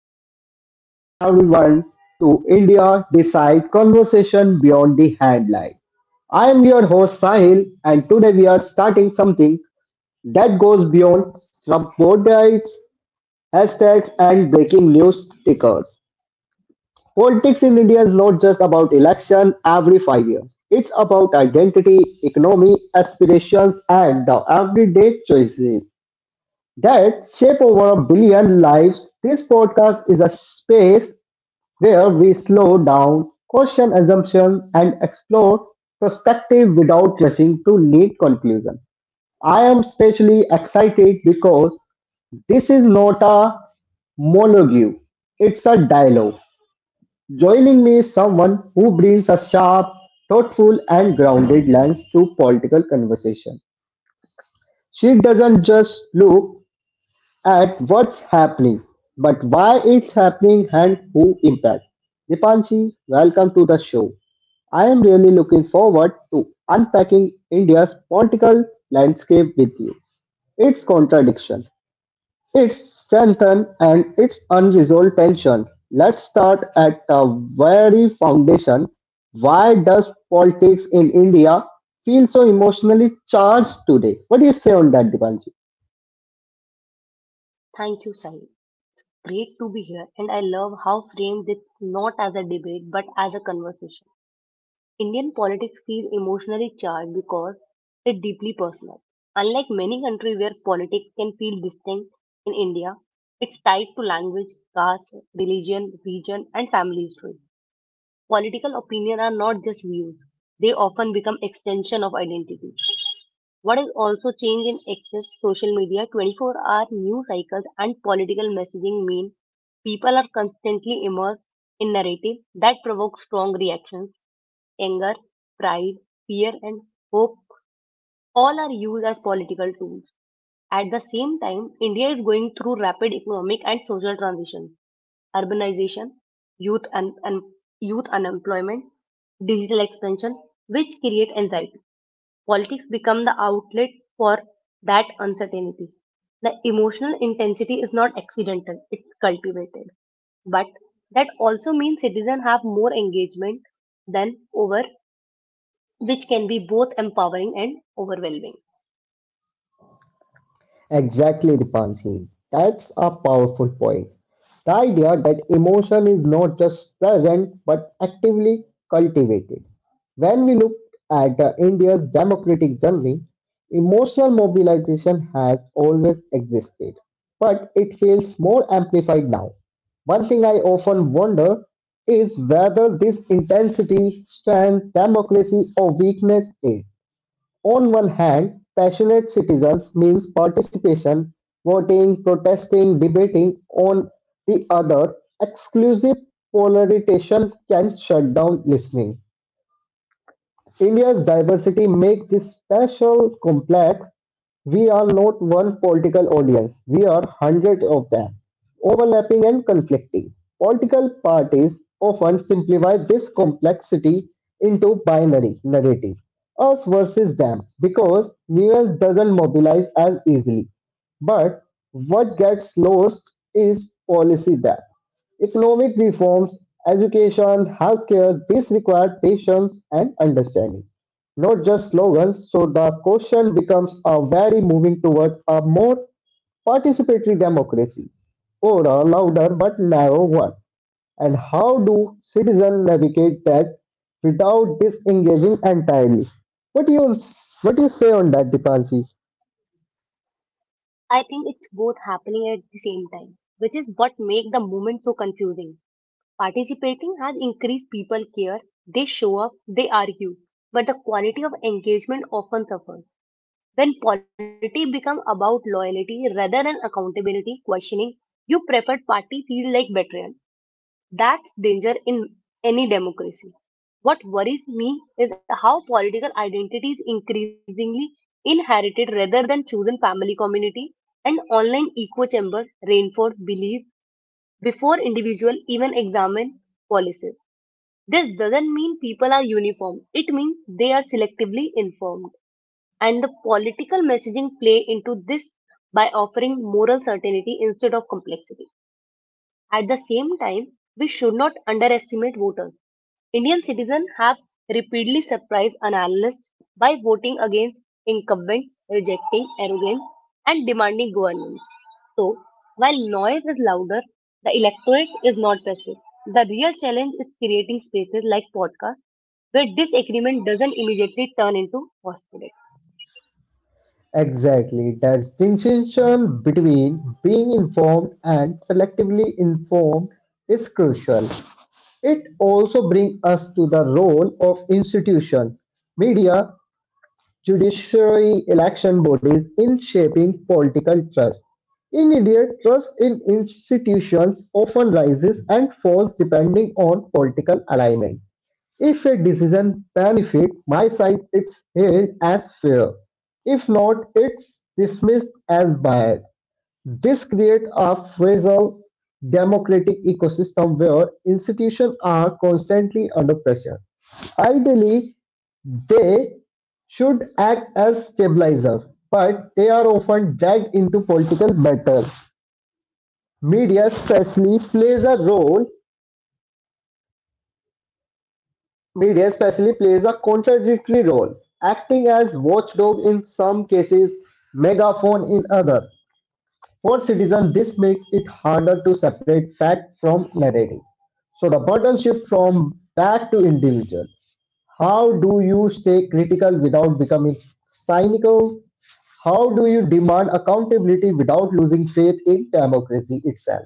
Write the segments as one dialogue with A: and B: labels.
A: and welcome everyone to India Decide Conversation Beyond the Headline. I am your host Sahil and today we are starting something that goes beyond report guides, hashtags and breaking news stickers. Politics in India is not just about election every 5 years. It's about identity, economy, aspirations and the everyday choices that shape over a billion lives. This podcast is a space where we slow down, question assumptions, and explore perspective without rushing to neat conclusion. I am especially excited because this is not a monologue, it's a dialogue. Joining me is someone who brings a sharp, thoughtful, and grounded lens to political conversation. She doesn't just look at what's happening, but why it's happening and who impact. Dipanshi, welcome to the show. I am really looking forward to unpacking India's political landscape with you. Its contradiction, its strength and its unresolved tension. Let's start at the very foundation. Why does politics in India feel so emotionally charged today? What do you say on that, Dipanshi?
B: Thank you, Sai. It's great to be here, and I love how framed it's not as a debate but as a conversation. Indian politics feels emotionally charged because it's deeply personal. Unlike many countries where politics can feel distinct, in India, it's tied to language, caste, religion, region, and family history. Political opinion are not just views; they often become extension of identity. What is also changed in access, social media, 24-hour news cycles and political messaging mean people are constantly immersed in narrative that provoke strong reactions. Anger, pride, fear and hope all are used as political tools. At the same time, India is going through rapid economic and social transitions. Urbanization, youth, un- un- youth unemployment, digital expansion, which create anxiety. Politics become the outlet for that uncertainty. The emotional intensity is not accidental, it's cultivated. But that also means citizens have more engagement than over, which can be both empowering and overwhelming.
A: Exactly, Dipanshi. That's a powerful point. The idea that emotion is not just present but actively cultivated. When we look at India's democratic journey, emotional mobilization has always existed, but it feels more amplified now. One thing I often wonder is whether this intensity strength democracy or weakness is. On one hand, passionate citizens means participation, voting, protesting, debating; on the other, exclusive polarization can shut down listening. India's diversity makes this special complex. We are not one political audience. We are hundreds of them, overlapping and conflicting. Political parties often simplify this complexity into binary narrative, us versus them, because nuance doesn't mobilize as easily. But what gets lost is policy depth. Economic reforms, education, healthcare, these require patience and understanding, not just slogans. So the question becomes are very moving towards a more participatory democracy or a louder but narrow one? And how do citizens navigate that without disengaging entirely? What do you say on that, Dipanji?
B: I think it's both happening at the same time, which is what makes the movement so confusing. Participating has increased people care, they show up, they argue, but the quality of engagement often suffers. When polity become about loyalty rather than accountability questioning, you preferred party feel like betrayal. That's danger in any democracy. What worries me is how political identity is increasingly inherited rather than chosen family community and online echo chamber reinforce belief before individual even examine policies. This doesn't mean people are uniform. It means they are selectively informed. And the political messaging play into this by offering moral certainty instead of complexity. At the same time, we should not underestimate voters. Indian citizens have repeatedly surprised analysts by voting against incumbents, rejecting arrogance, and demanding governance. So, while noise is louder, the electorate is not passive. The real challenge is creating spaces like podcasts where disagreement doesn't immediately turn into hostility.
A: Exactly, that distinction between being informed and selectively informed is crucial. It also brings us to the role of institution, media, judiciary, election bodies in shaping political trust. In India, trust in institutions often rises and falls depending on political alignment. If a decision benefits my side, it's hailed as fair. If not, it's dismissed as biased. This creates a fragile democratic ecosystem where institutions are constantly under pressure. Ideally, they should act as stabilizers, but they are often dragged into political battles. Media especially plays a role Media especially plays a contradictory role, acting as watchdog in some cases, megaphone in other. For citizens, this makes it harder to separate fact from narrative. So the burden shifts from that to individual. How do you stay critical without becoming cynical? How do you demand accountability without losing faith in democracy itself?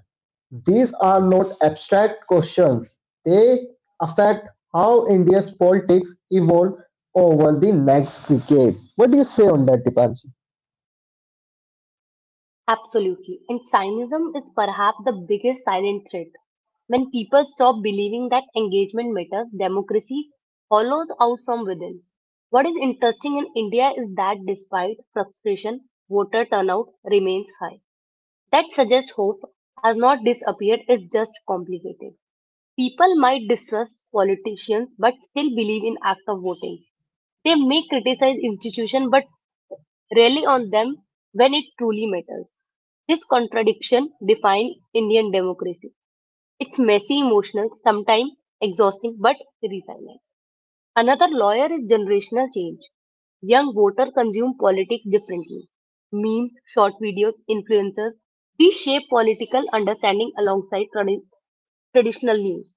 A: These are not abstract questions. They affect how India's politics evolve over the next decade. What do you say on that, Dipanshi?
B: Absolutely. And cynism is perhaps the biggest silent threat. When people stop believing that engagement matters, democracy hollows out from within. What is interesting in India is that despite frustration, voter turnout remains high. That suggests hope has not disappeared, it's just complicated. People might distrust politicians but still believe in act of voting. They may criticize institutions but rally on them when it truly matters. This contradiction defines Indian democracy. It's messy, emotional, sometimes exhausting, but resilient. Another lawyer is generational change. Young voters consume politics differently. Memes, short videos, influencers, these shape political understanding alongside traditional news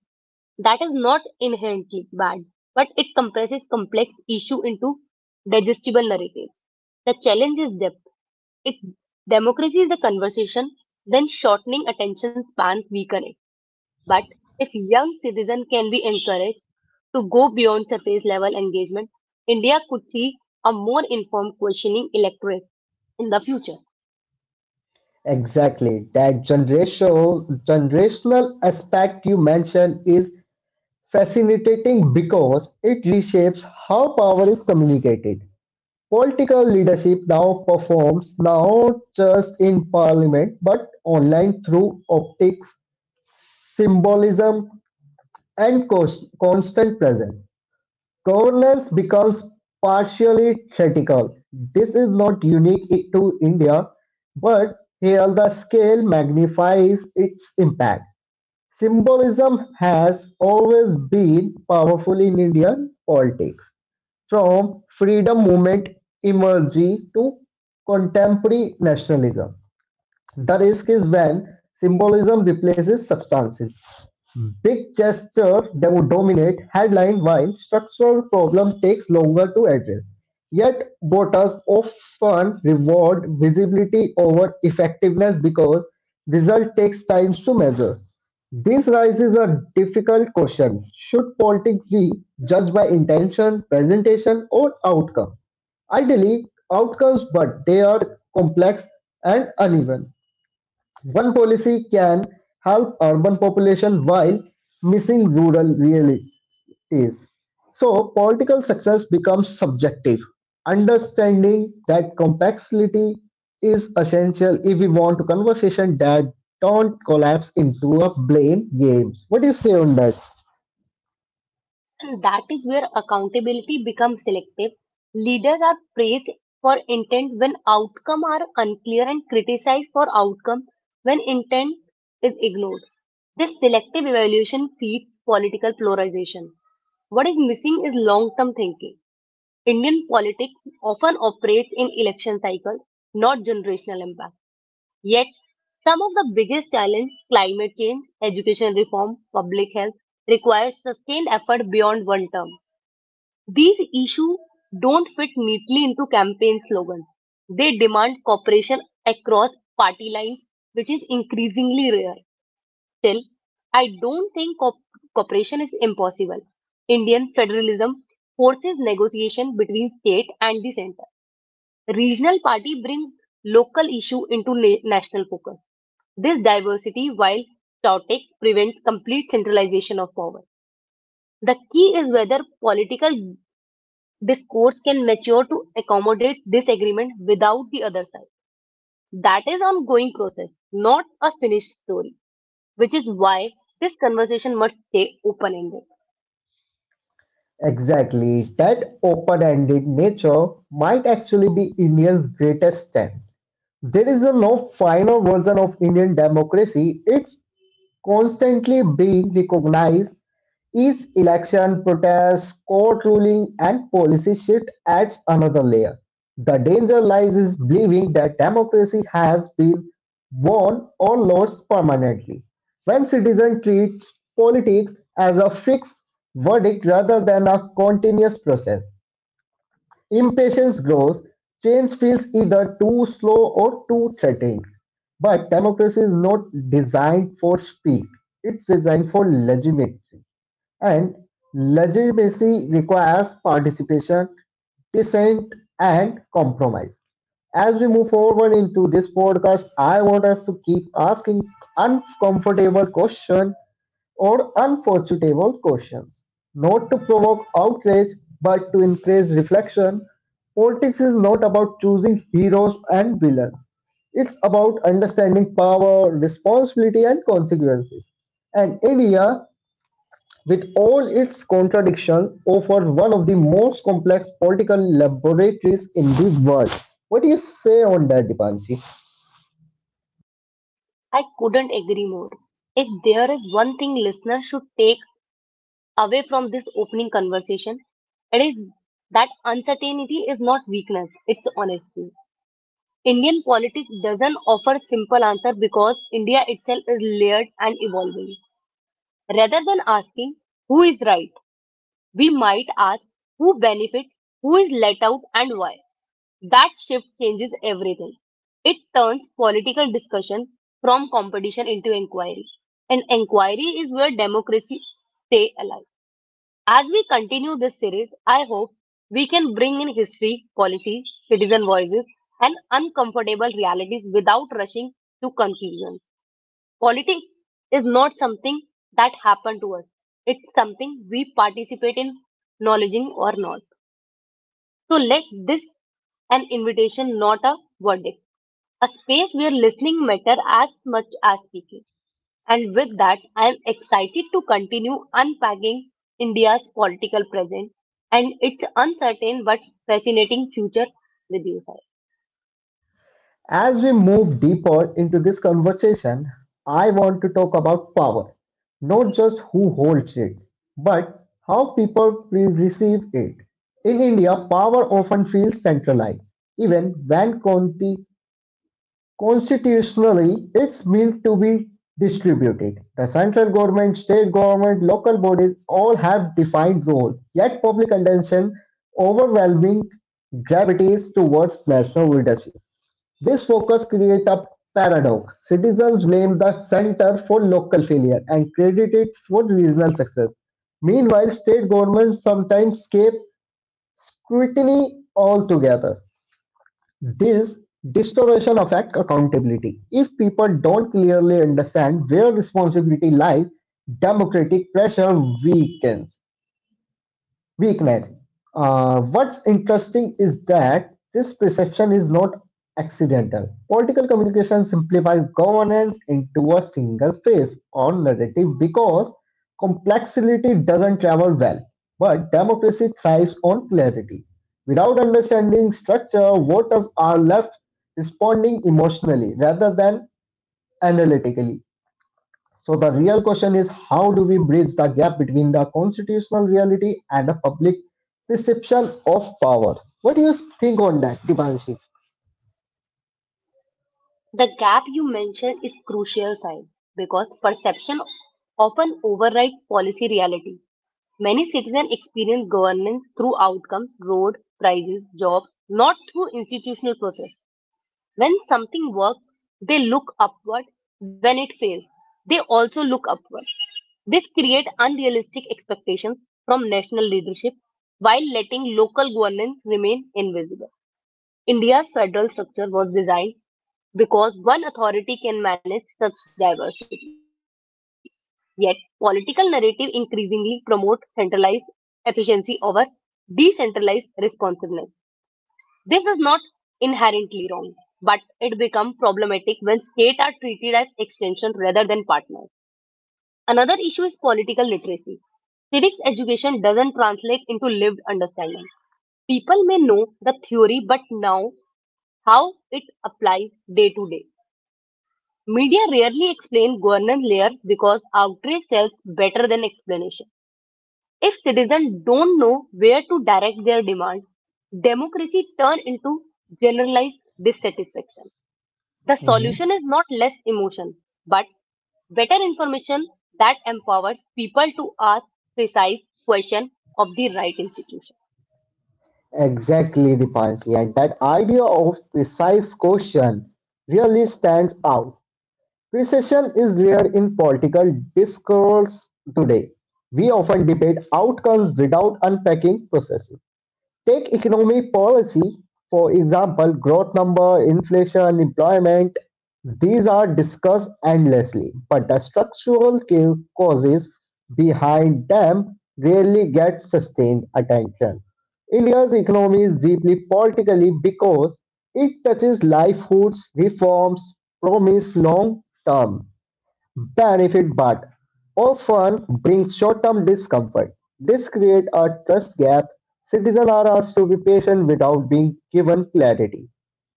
B: that is not inherently bad, but it compresses complex issue into digestible narratives. The challenge is depth. If democracy is a conversation, then shortening attention spans weaken it. But if young citizens can be encouraged to go beyond surface level engagement, India could see a more informed questioning electorate in the future.
A: Exactly. That generational aspect you mentioned is fascinating because it reshapes how power is communicated. Political leadership now performs not just in parliament but online through optics, symbolism, and constant presence. Governance becomes partially theatrical. This is not unique to India, but here the scale magnifies its impact. Symbolism has always been powerful in Indian politics. From freedom movement imagery to contemporary nationalism, the risk is when symbolism replaces substances. Big gestures dominate headlines while structural problems take longer to address. Yet voters often reward visibility over effectiveness because result takes time to measure. This raises a difficult question. Should politics be judged by intention, presentation, or outcome? Ideally, outcomes, but they are complex and uneven. One policy can help urban population while missing rural realities. So political success becomes subjective. Understanding that complexity is essential if we want a conversation that don't collapse into a blame games. What do you say on that?
B: And that is where accountability becomes selective. Leaders are praised for intent when outcome are unclear and criticized for outcome when intent is ignored. This selective evaluation feeds political polarization. What is missing is long-term thinking. Indian politics often operates in election cycles, not generational impact. Yet, some of the biggest challenges, climate change, education reform, public health, require sustained effort beyond one term. These issues don't fit neatly into campaign slogans. They demand cooperation across party lines, which is increasingly rare. Still, I don't think cooperation is impossible. Indian federalism forces negotiation between state and the center. Regional party bring local issue into national focus. This diversity, while chaotic, prevents complete centralization of power. The key is whether political discourse can mature to accommodate disagreement without the other side. That is ongoing process, not a finished story, which is why this conversation must stay open-ended.
A: Exactly. That open ended nature might actually be Indians' greatest strength. There is a no final version of Indian democracy. It's constantly being recognized each election, protest, court ruling and policy shift adds another layer. The danger lies is believing that democracy has been won or lost permanently. When citizens treat politics as a fixed verdict rather than a continuous process, impatience grows, change feels either too slow or too threatening. But democracy is not designed for speed, it's designed for legitimacy. And legitimacy requires participation, dissent, and compromise. As we move forward into this podcast, I want us to keep asking uncomfortable questions or unforeseeable questions. Not to provoke outrage, but to encourage reflection. Politics is not about choosing heroes and villains. It's about understanding power, responsibility, and consequences. And India, with all its contradictions, offers one of the most complex political laboratories in the world. What do you say on that, Dipanji?
B: I couldn't agree more. If there is one thing listeners should take away from this opening conversation, it is that uncertainty is not weakness, it's honesty. Indian politics doesn't offer simple answer because India itself is layered and evolving. Rather than asking who is right, we might ask who benefits? Who is let out and why. That shift changes everything. It turns political discussion from competition into inquiry. And inquiry is where democracy stays alive. As we continue this series, I hope we can bring in history, policy, citizen voices and uncomfortable realities without rushing to conclusions. Politics is not something that happened to us. It's something we participate in, acknowledging or not. So let this an invitation, not a verdict. A space where listening matter as much as speaking. And with that, I am excited to continue unpacking India's political present and its uncertain but fascinating future with you, Sai.
A: As we move deeper into this conversation, I want to talk about power, not just who holds it, but how people will receive it. In India, power often feels centralized, even when constitutionally it's meant to be distributed. The central government, state government, local bodies all have defined roles, yet public attention overwhelming gravities towards national leadership. This focus creates a paradox: citizens blame the center for local failure and credit it for regional success. Meanwhile, state governments sometimes escape scrutiny altogether. This distortion affects accountability. If people don't clearly understand where responsibility lies, democratic pressure weakens. Weakness. What's interesting is that this perception is not accidental. Political communication simplifies governance into a single phase or narrative because complexity doesn't travel well. But democracy thrives on clarity. Without understanding structure, voters are left responding emotionally rather than analytically. So the real question is how do we bridge the gap between the constitutional reality and the public perception of power? What do you think on that, Dipanshi?
B: The gap you mentioned is crucial, Sai, because perception often overrides policy reality. Many citizens experience governance through outcomes, road, prices, jobs, not through institutional process. When something works, they look upward. When it fails, they also look upward. This creates unrealistic expectations from national leadership while letting local governance remain invisible. India's federal structure was designed because one authority can manage such diversity. Yet, political narrative increasingly promote centralized efficiency over decentralized responsiveness. This is not inherently wrong, but it becomes problematic when states are treated as extension rather than partners. Another issue is political literacy. Civics education doesn't translate into lived understanding. People may know the theory but now how it applies day to day. Media rarely explain governance layer because outrage sells better than explanation. If citizens don't know where to direct their demand, democracy turn into generalized dissatisfaction. The
A: Hmm.
B: solution is not less emotion, but better information that empowers people to ask precise question of the right institution.
A: Exactly, Dipanshi, and that idea of precise question really stands out. Precision is rare in political discourse today. We often debate outcomes without unpacking processes. Take economic policy, for example, growth number, inflation, employment. These are discussed endlessly, but the structural causes behind them rarely get sustained attention. India's economy is deeply politically because it touches livelihoods, reforms, promise long term benefit but often brings short-term discomfort. This creates a trust gap. Citizens are asked to be patient without being given clarity.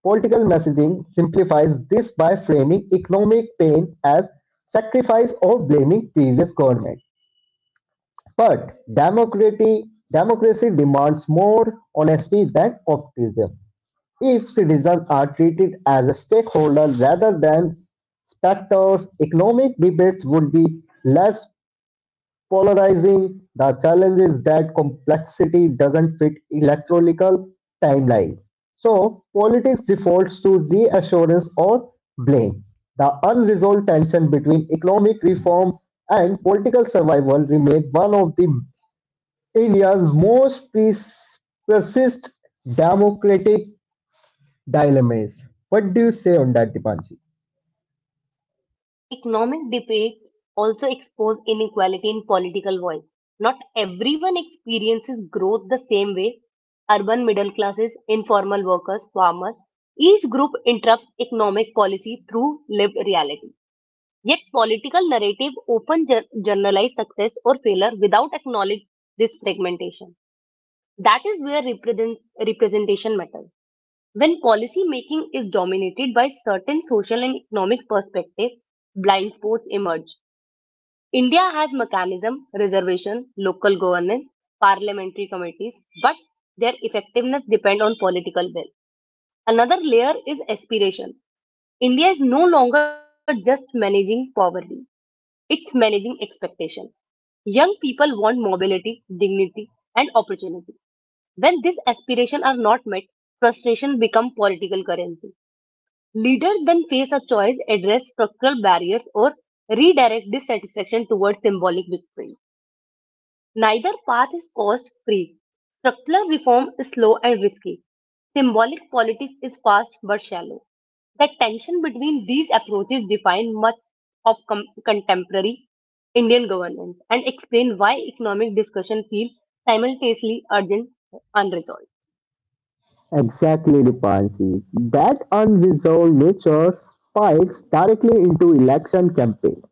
A: Political messaging simplifies this by framing economic pain as sacrifice or blaming previous government. But democracy demands more honesty than optimism. If citizens are treated as stakeholders rather than spectators, economic debates would be less polarizing. The challenge is that complexity doesn't fit electoral timeline. So politics defaults to reassurance or blame. The unresolved tension between economic reform and political survival remains one of the India's most persist democratic dilemmas. What do you say on that, Dipanshi?
B: Economic debates also expose inequality in political voice. Not everyone experiences growth the same way. Urban middle classes, informal workers, farmers, each group interrupts economic policy through lived reality. Yet political narrative often generalize success or failure without acknowledge this fragmentation. That is where representation matters. When policy making is dominated by certain social and economic perspectives, blind spots emerge. India has mechanism, reservation, local governance, parliamentary committees, but their effectiveness depend on political will. Another layer is aspiration. India is no longer just managing poverty, it's managing expectation. Young people want mobility, dignity, and opportunity. When these aspirations are not met, frustration becomes political currency. Leaders then face a choice, address structural barriers, or redirect dissatisfaction towards symbolic victory. Neither path is cost free. Structural reform is slow and risky. Symbolic politics is fast but shallow. The tension between these approaches define much of contemporary Indian governance and explain why economic discussion feels simultaneously urgent and unresolved.
A: Exactly, Dipanshi. That unresolved nature spikes directly into election campaigns.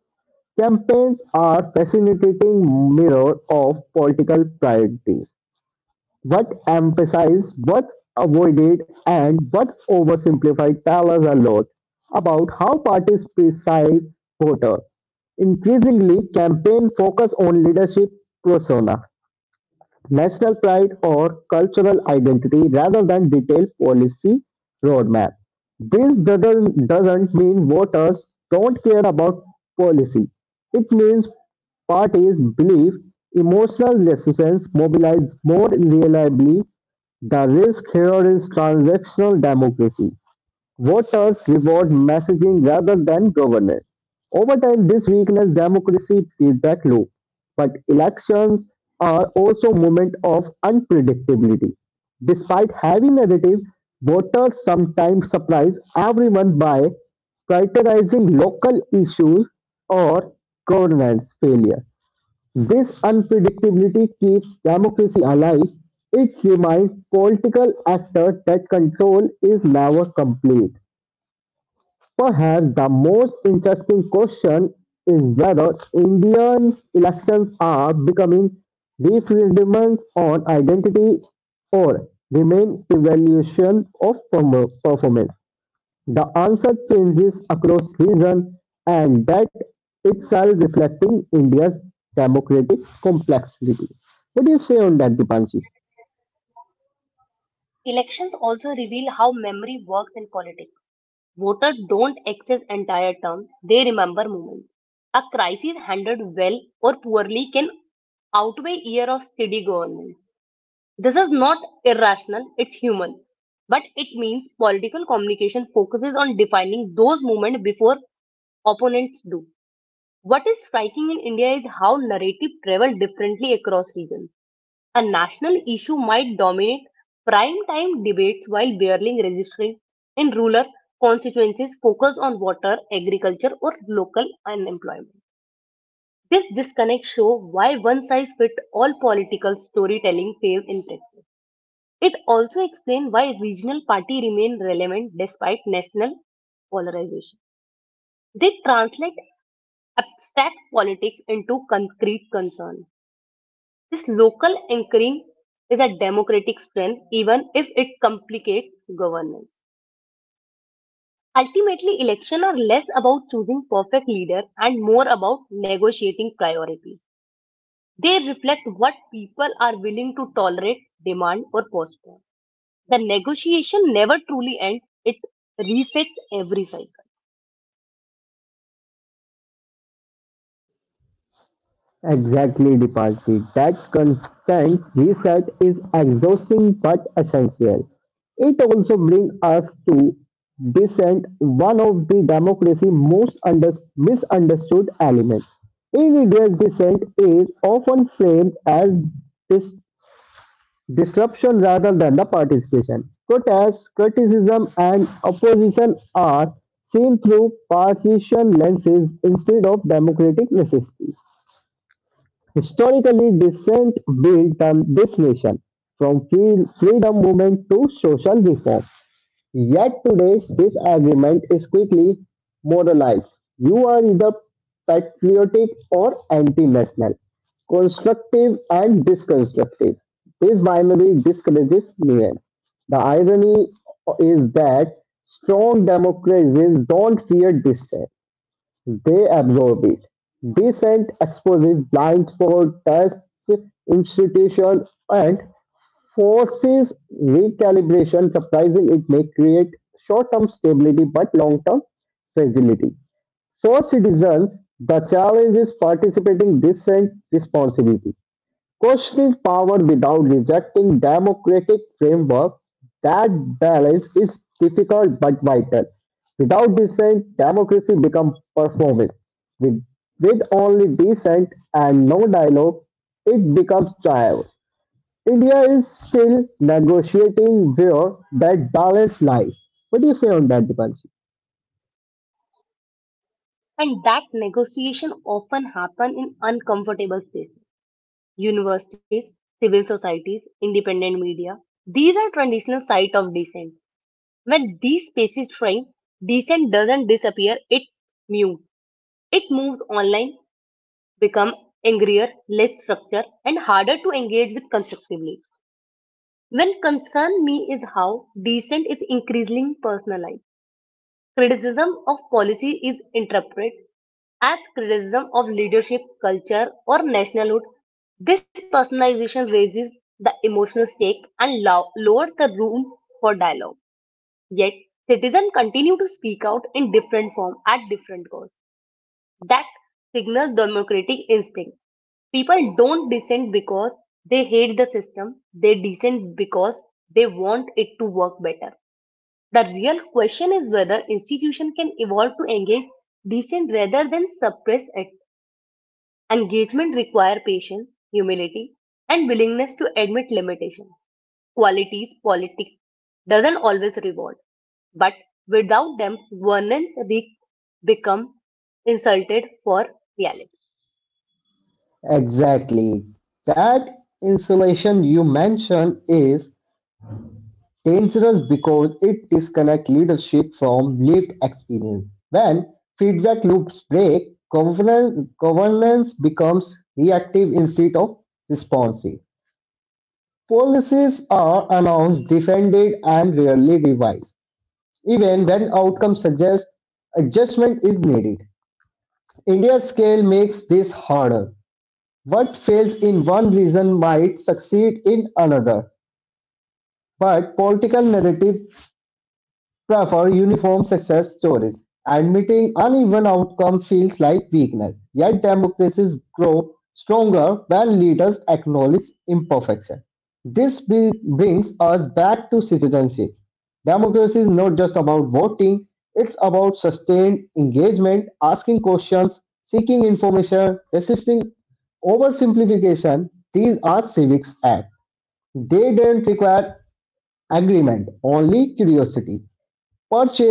A: Campaigns are fascinating mirror of political priorities. What emphasized, what avoided, and what oversimplified tell us a lot about how parties perceive voters. Increasingly, campaign focus on leadership persona national pride or cultural identity rather than detailed policy roadmap. This doesn't mean voters don't care about policy. It means parties believe emotional resistance mobilizes more reliably. The risk here is transactional democracy. Voters reward messaging rather than governance. Over time, this weakens democracy feedback loop. But elections are also moment of unpredictability. Despite heavy narrative, voters sometimes surprise everyone by prioritizing local issues or governance failure. This unpredictability keeps democracy alive. It reminds political actors that control is never complete. Perhaps the most interesting question is whether Indian elections are becoming referendums on identity or remain evaluation of performance. The answer changes across region and that itself reflecting India's democratic complexity. What do you say on that, Dipanshi?
B: Elections also reveal how memory works in politics. Voters don't access entire terms, they remember moments. A crisis handled well or poorly can outweigh years of steady governance. This is not irrational, it's human. But it means political communication focuses on defining those moments before opponents do. What is striking in India is how narrative travel differently across regions. A national issue might dominate prime-time debates while barely registering in rural constituencies focus on water, agriculture, or local unemployment. This disconnect shows why one-size-fits-all political storytelling fails in Texas. It also explains why regional parties remain relevant despite national polarization. They translate abstract politics into concrete concern. This local anchoring is a democratic strength, even if it complicates governance. Ultimately, elections are less about choosing perfect leader and more about negotiating priorities. They reflect what people are willing to tolerate, demand, or postpone. The negotiation never truly ends, it resets every cycle.
A: Exactly, Deepati. That constant reset is exhausting but essential. It also brings us to dissent one of the democracy's most misunderstood elements. Individual dissent is often framed as dis- disruption rather than the participation. Protests, criticism, and opposition are seen through partisan lenses instead of democratic necessity. Historically dissent built this nation, from freedom movement to social reform. Yet today, this agreement is quickly moralized. You are either patriotic or anti-national, constructive and disconstructive. This binary discourages nuance. The irony is that strong democracies don't fear dissent. They absorb it. Decent exposure blindfolds institution and forces recalibration. Surprising it may create short-term stability but long-term fragility. For citizens, the challenge is participating decent responsibility. Questioning power without rejecting democratic framework, that balance is difficult but vital. Without dissent, democracy becomes performance. With, with only dissent and no dialogue, it becomes trial. India is still negotiating where that balance lies. What do you say on that, Dipanshi?
B: And that negotiation often happens in uncomfortable spaces universities, civil societies, independent media. These are traditional sites of dissent. When these spaces shrink, dissent doesn't disappear, it mutes. It moves online, become angrier, less structured, and harder to engage with constructively. When concern me is how dissent is increasingly personalized. Criticism of policy is interpreted as criticism of leadership, culture, or nationalhood. This personalization raises the emotional stake and lowers the room for dialogue. Yet, citizens continue to speak out in different form at different costs. That signals democratic instinct. People don't dissent because they hate the system. They dissent because they want it to work better. The real question is whether institutions can evolve to engage dissent rather than suppress it. Engagement requires patience, humility, and willingness to admit limitations. Qualities politics doesn't always reward, but without them, governance risks become insulted for reality.
A: Exactly. That insulation you mentioned is dangerous because it disconnects leadership from lived experience. When feedback loops break, governance becomes reactive instead of responsive. Policies are announced, defended, and rarely revised, even when outcomes suggest adjustment is needed. India's scale makes this harder. What fails in one region might succeed in another, but political narrative prefer uniform success stories. Admitting uneven outcomes feels like weakness, yet democracies grow stronger when leaders acknowledge imperfection. This brings us back to citizenship. Democracy is not just about voting, it's about sustained engagement, asking questions, seeking information, resisting oversimplification. These are civics acts. They don't require agreement, only curiosity. Perhaps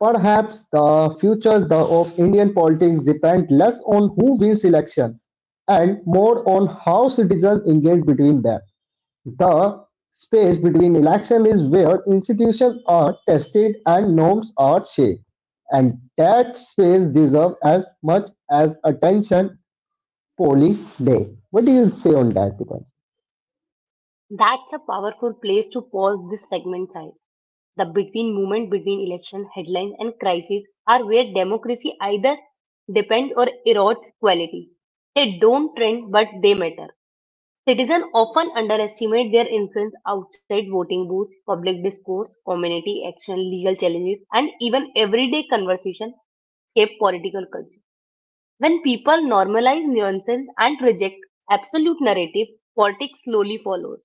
A: perhaps the future of Indian politics depends less on who wins election and more on how citizens engage between them. The space between election is where institutions are tested and norms are shaped, and that space deserves as much as attention polling day. What do you say on that, Deepak?
B: That's a powerful place to pause this segment, child. The between movement between election headlines and crises are where democracy either depends or erodes quality. They don't trend, but they matter. Citizens often underestimate their influence outside voting booths, public discourse, community action, legal challenges, and even everyday conversation shape political culture. When people normalize nuances and reject absolute narrative, politics slowly follows.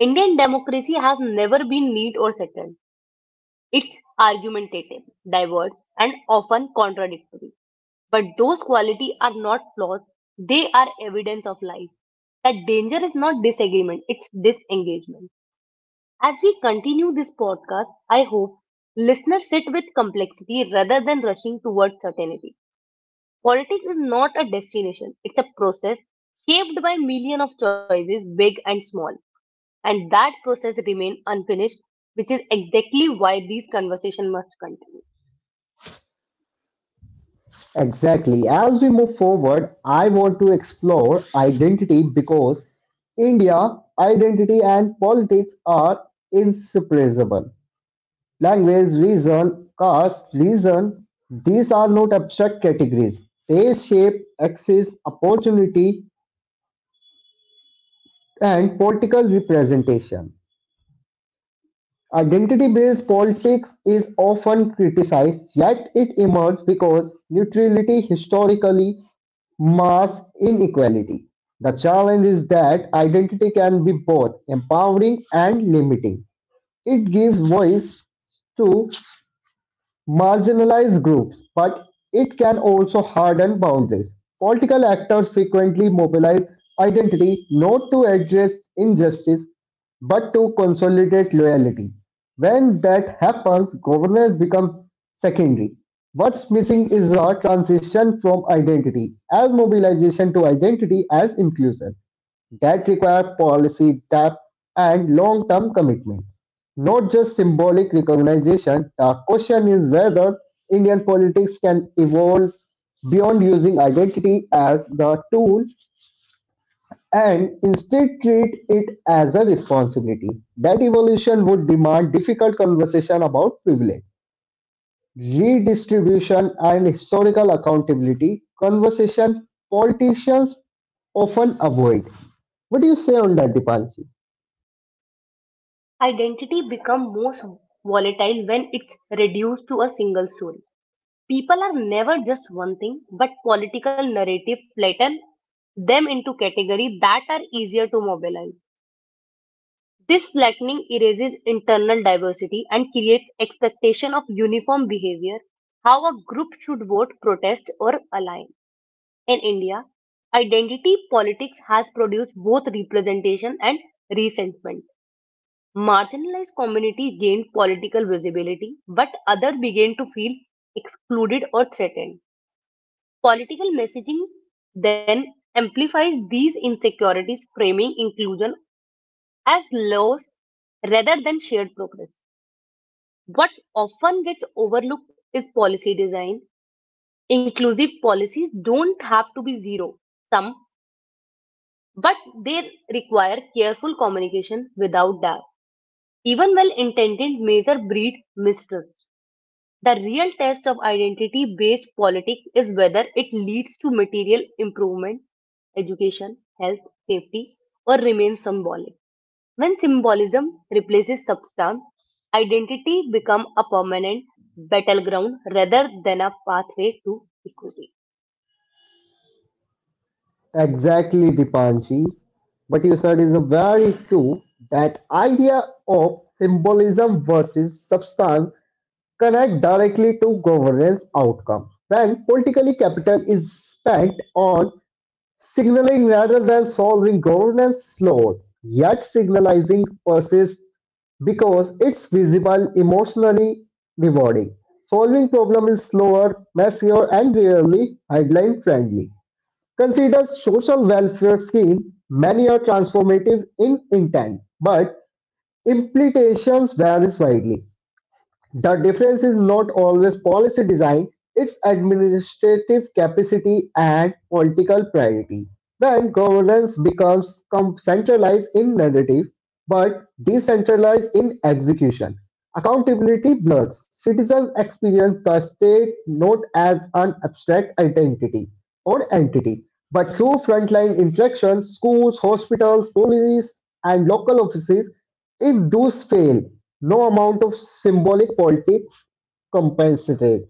B: Indian democracy has never been neat or settled. It's argumentative, diverse, and often contradictory. But those qualities are not flaws, they are evidence of life. That danger is not disagreement, it's disengagement. As we continue this podcast, I hope listeners sit with complexity rather than rushing towards certainty. Politics is not a destination, it's a process shaped by millions of choices, big and small, and that process remain unfinished, which is exactly why these conversation must continue.
A: Exactly. As we move forward, I want to explore identity because India, identity and politics are inseparable. Language, reason, caste, reason, these are not abstract categories. They shape access, opportunity, and political representation. Identity based politics is often criticized, yet it emerged because neutrality historically masks inequality. The challenge is that identity can be both empowering and limiting; it gives voice to marginalized groups, but it can also harden boundaries. Political actors frequently mobilize identity not to address injustice but to consolidate loyalty. When that happens, governance becomes secondary. What's missing is a transition from identity as mobilization to identity as inclusion that requires policy depth and long-term commitment. Not just symbolic recognition, the question is whether Indian politics can evolve beyond using identity as the tool and instead treat it as a responsibility. That evolution would demand difficult conversation about privilege, redistribution, and historical accountability, conversation politicians often avoid. What do you say on that, Dipanshi?
B: Identity become most volatile when it's reduced to a single story. People are never just one thing, but political narrative flatten them into categories that are easier to mobilize. This flattening erases internal diversity and creates expectation of uniform behavior, how a group should vote, protest, or align. In India, identity politics has produced both representation and resentment. Marginalized communities gained political visibility, but others began to feel excluded or threatened. Political messaging then amplifies these insecurities, framing inclusion as loss rather than shared progress. What often gets overlooked is policy design. Inclusive policies don't have to be zero sum, but they require careful communication. Without that, even well intended measure breed mistrust. The real test of identity based politics is whether it leads to material improvement, education, health, safety, or remains symbolic. When symbolism replaces substance, identity becomes a permanent battleground rather than a pathway to equity.
A: Exactly, Dipanshi. But you said is very true that idea of symbolism versus substance connect directly to governance outcome. When politically capital is spent on signaling rather than solving governance flaws, yet signalizing persists because it's visible, emotionally rewarding. Solving problem is slower, messier, and rarely headline friendly. Considered social welfare scheme, many are transformative in intent, but implementations varies widely. The difference is not always policy design, it's administrative capacity and political priority. Then governance becomes centralized in narrative but decentralized in execution. Accountability blurs. Citizens experience the state not as an abstract identity or entity, but through frontline infection, schools, hospitals, police, and local offices, if those fail, no amount of symbolic politics compensate.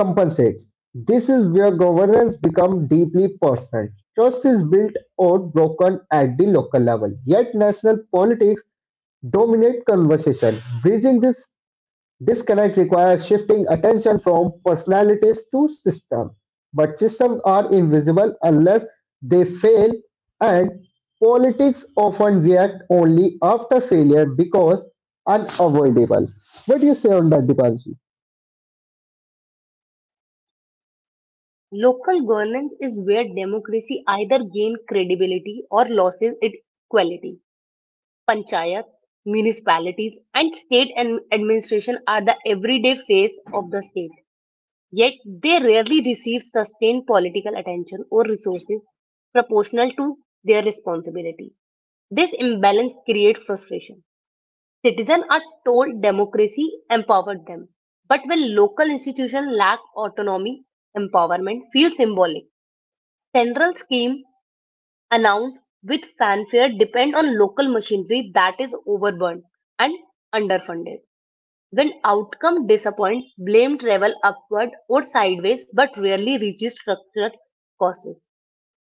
A: Compensates. This is where governance becomes deeply personal. Trust is built or broken at the local level, yet national politics dominate conversation. Bridging this Disconnect requires shifting attention from personalities to system, but systems are invisible unless they fail, and politics often react only after failure because unavoidable. What do you say on that, Dipanshi?
B: Local governance is where democracy either gain credibility or loses its quality. Panchayat, municipalities, and state and administration are the everyday face of the state. Yet they rarely receive sustained political attention or resources proportional to their responsibility. This imbalance creates frustration. Citizens are told democracy empowered them, but when local institutions lack autonomy, empowerment feels symbolic. Central scheme announced with fanfare depend on local machinery that is overburdened and underfunded. When outcome disappoint, blame travel upward or sideways but rarely reaches structural causes.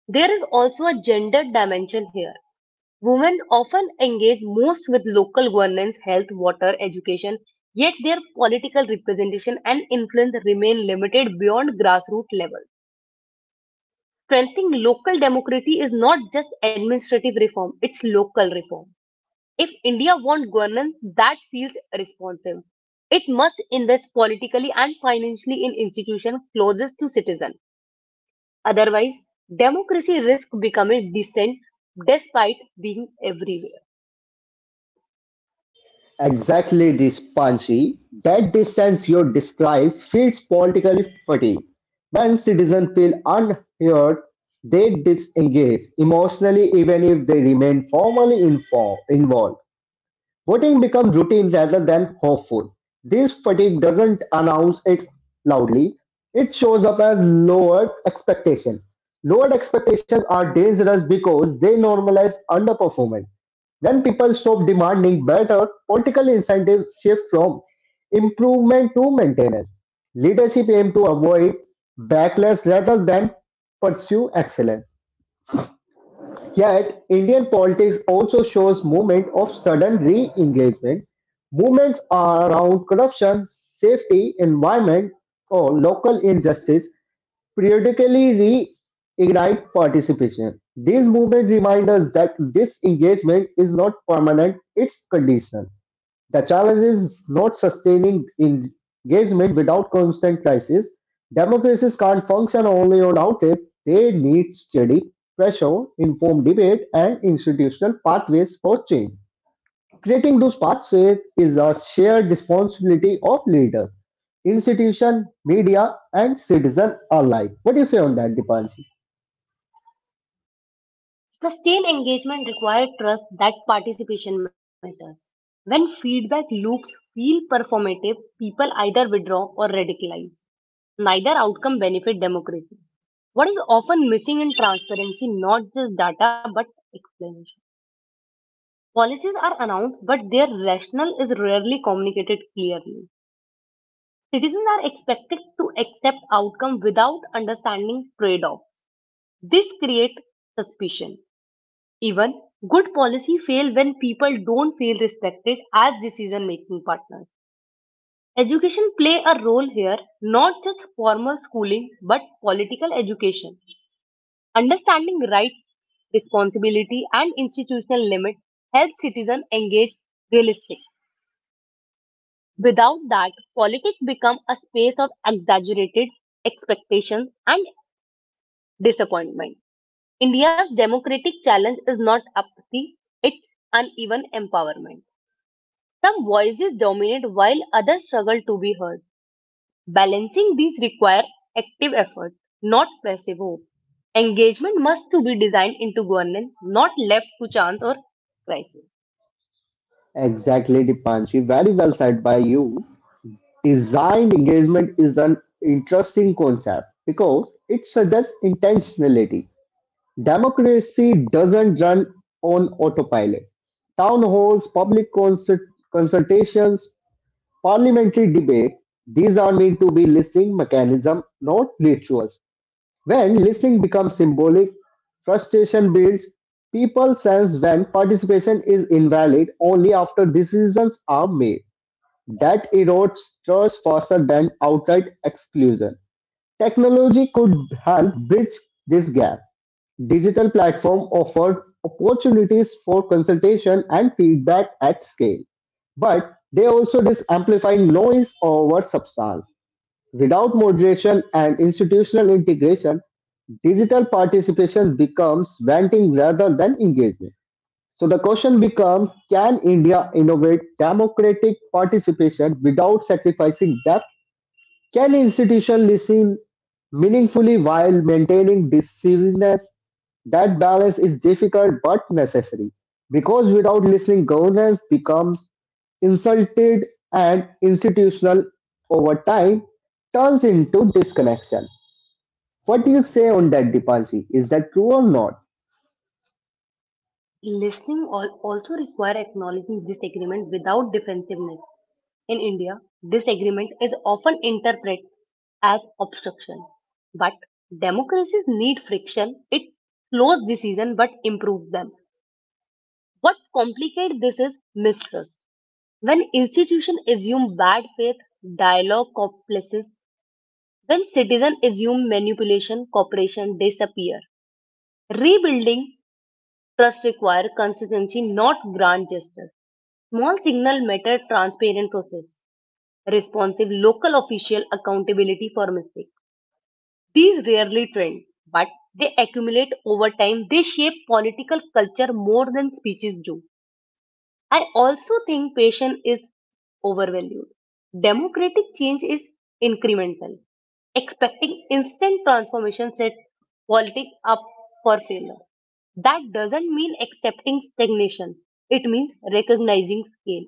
B: There is also a gender dimension here. Women often engage most with local governance, health, water, education, yet their political representation and influence remain limited beyond grassroots level. Strengthening local democracy is not just administrative reform, it's local reform. If India wants governance that feels responsive, it must invest politically and financially in institutions closest to citizens. Otherwise, democracy risks becoming distant despite being everywhere.
A: Exactly, Dispanshi. That distance you describe feeds political fatigue. When citizens feel unheard, they disengage emotionally even if they remain formally informed, involved. Voting becomes routine rather than hopeful. This fatigue doesn't announce it loudly. It shows up as lowered expectation. Lowered expectations are dangerous because they normalize underperformance. When people stop demanding better, political incentives shift from improvement to maintenance. Leadership aim to avoid backlash rather than pursue excellence. Yet Indian politics also shows movement of sudden re-engagement; movements are around corruption, safety, environment or local injustice periodically re-ignite participation. These movements remind us that disengagement is not permanent, it's conditional. The challenge is not sustaining engagement without constant crisis. Democracies can't function only on outrage. They need steady pressure, informed debate, and institutional pathways for change. Creating those pathways is a shared responsibility of leaders, institutions, media, and citizens alike. What do you say on that, Dipanshi?
B: Sustained engagement requires trust that participation matters. When feedback loops feel performative, people either withdraw or radicalize. Neither outcome benefit democracy. What is often missing in transparency, not just data but explanation. Policies are announced, but their rationale is rarely communicated clearly. Citizens are expected to accept outcome without understanding trade-offs. This creates suspicion. Even good policy fail when people don't feel respected as decision making partners. Education play a role here, not just formal schooling but political education. Understanding rights, responsibility and institutional limit helps citizens engage realistic. Without that, politics become a space of exaggerated expectations and disappointment. India's democratic challenge is not apathy, it's uneven empowerment. Some voices dominate while others struggle to be heard. Balancing these require active effort, not passive hope. Engagement must to be designed into governance, not left to chance or crisis.
A: Exactly, Dipanshi. Very well said by you. Design engagement is an interesting concept because it suggests intentionality. Democracy doesn't run on autopilot. Town halls, public consultations, parliamentary debate, these are meant to be listening mechanism, not rituals. When listening becomes symbolic, frustration builds. People sense when participation is invalid only after decisions are made. That erodes trust faster than outright exclusion. Technology could help bridge this gap. Digital platforms offer opportunities for consultation and feedback at scale, but they also amplify noise over substance. Without moderation and institutional integration, digital participation becomes venting rather than engagement. So the question becomes, can India innovate democratic participation without sacrificing depth? Can institutions listen meaningfully while maintaining decisiveness? That balance is difficult but necessary because without listening, governance becomes insulted and institutional over time turns into disconnection. What do you say on that, Dipalji? Is that true or not?
B: Listening also require acknowledging disagreement without defensiveness. In India, disagreement is often interpreted as obstruction. But democracies need friction. It slows decision but improves them. What complicates this is mistrust. When institution assume bad faith, dialogue complices. When citizen assume manipulation, cooperation disappear. Rebuilding trust require consistency, not grand gestures. Small signal matter, transparent process, responsive local official accountability for mistake. These rarely trend, but they accumulate over time. They shape political culture more than speeches do. I also think patience is overvalued. Democratic change is incremental. Expecting instant transformation sets politics up for failure. That doesn't mean accepting stagnation. It means recognizing scale.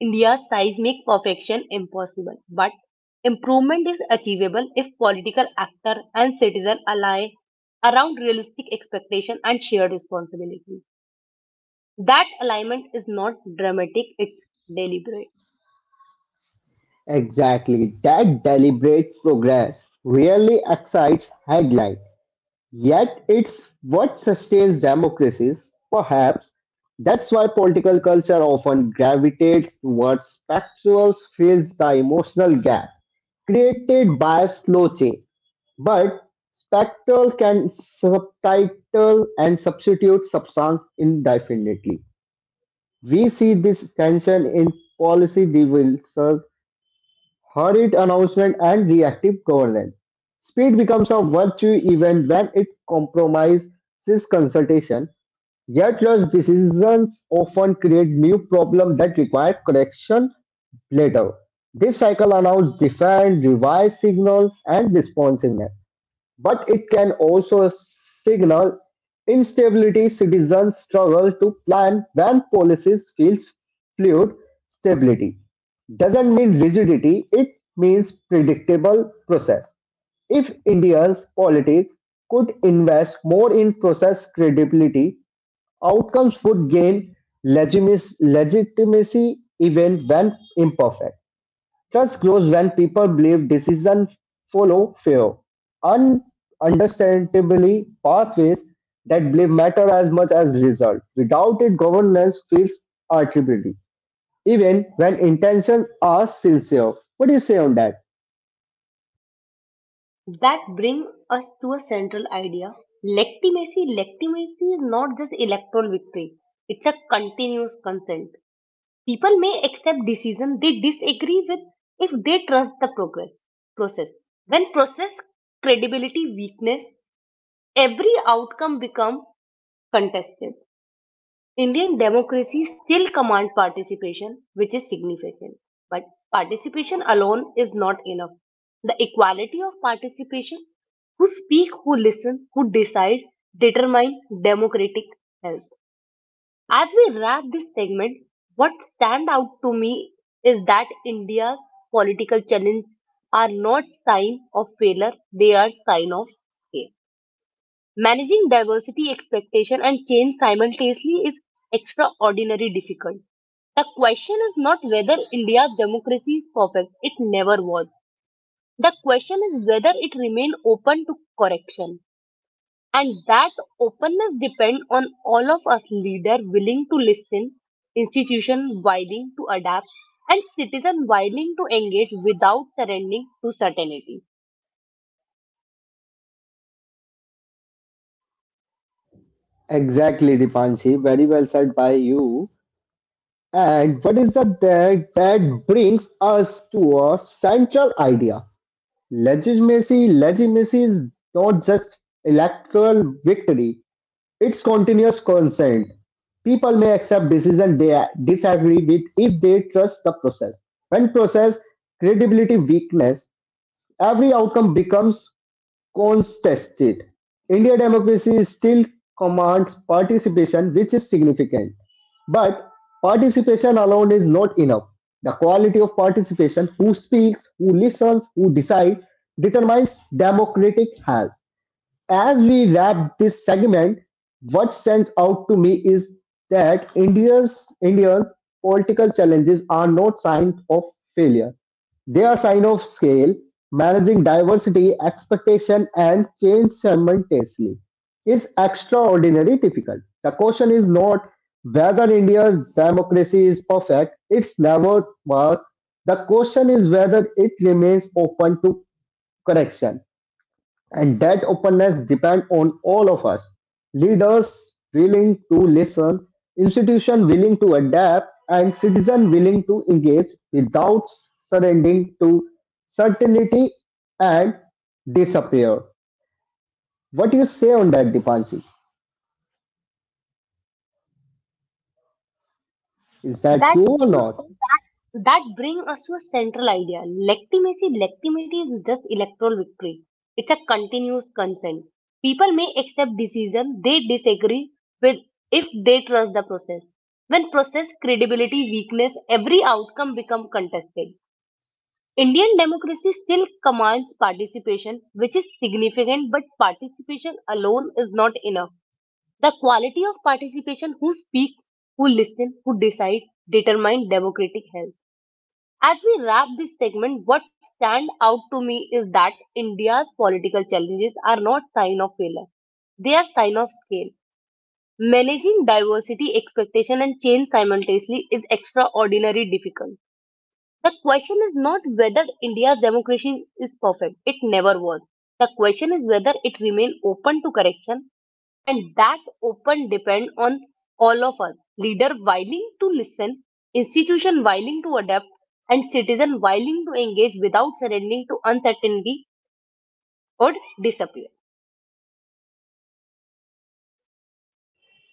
B: India's size makes perfection impossible, but improvement is achievable if political actor and citizen align around realistic expectation and shared responsibilities. That alignment is not dramatic, it's deliberate.
A: Exactly, that deliberate progress really excites headline. Yet it's what sustains democracies. Perhaps that's why political culture often gravitates towards factual fills the emotional gap created by slow change. But spectral can subtitle and substitute substance indefinitely. We see this tension in policy debates hurried announcement and reactive governance. Speed becomes a virtue even when it compromises consultation, yet rush decisions often create new problems that require correction later. This cycle allows defined, revised signal and responsiveness but it can also signal instability. Citizens struggle to plan when policies feels fluid. Stability doesn't mean rigidity; it means predictable process. If India's politics could invest more in process credibility, outcomes would gain legitimacy even when imperfect. Trust grows when people believe decisions follow fair, un- understandably pathways that belief matter as much as result. Without it, governance feels arbitrary, even when intentions are sincere. What do you say on that?
B: That brings us to a central idea. Legitimacy, legitimacy is not just electoral victory. It's a continuous consent. People may accept decisions they disagree with if they trust the progress process. When process credibility weakness, every outcome become contested. Indian democracy still commands participation, which is significant. But participation alone is not enough. The equality of participation, who speak, who listen, who decide, determine democratic health. As we wrap this segment, what stand out to me is that India's political challenges are not sign of failure, they are sign of scale. Managing diversity expectation and change simultaneously is extraordinarily difficult. The question is not whether India's democracy is perfect, it never was. The question is whether it remains open to correction. And that openness depends on all of us, leaders willing to listen, institution willing to adapt, and citizen willing to engage without surrendering to certainty.
A: Exactly, Dipanshi. Very well said by you. And what is the that brings us to a central idea? Legitimacy is not just electoral victory. It's continuous consent. People may accept decisions they disagree with if they trust the process. When process credibility weakness, every outcome becomes contested. India democracy still commands participation, which is significant. But participation alone is not enough. The quality of participation, who speaks, who listens, who decides, determines democratic health. As we wrap this segment, what stands out to me is that India's Indians' political challenges are not signs of failure. They are signs of scale, managing diversity, expectation, and change simultaneously is extraordinarily difficult. The question is not whether India's democracy is perfect, it's never was. The question is whether it remains open to correction. And that openness depends on all of us. Leaders willing to listen, institutions willing to adapt, and citizens willing to engage without surrendering to certainty and disappear. What do you say on that, Dipanshi? Is that
B: that
A: true or
B: bring
A: not?
B: that bring us to a central idea. Legitimacy, legitimity is just electoral victory. It's a continuous consent. People may accept decision they disagree with if they trust the process. When process credibility weakness, every outcome become contested. Indian democracy still commands participation, which is significant. But participation alone is not enough. The quality of participation, who speak, who listen, who decide, determine democratic health. As we wrap this segment, what stand out to me is that India's political challenges are not sign of failure. They are sign of scale. Managing diversity, expectation and change simultaneously is extraordinarily difficult. The question is not whether India's democracy is perfect, it never was. The question is whether it remains open to correction, and that open depend on all of us. Leader willing to listen, institution willing to adapt, and citizen willing to engage without surrendering to uncertainty or disappear.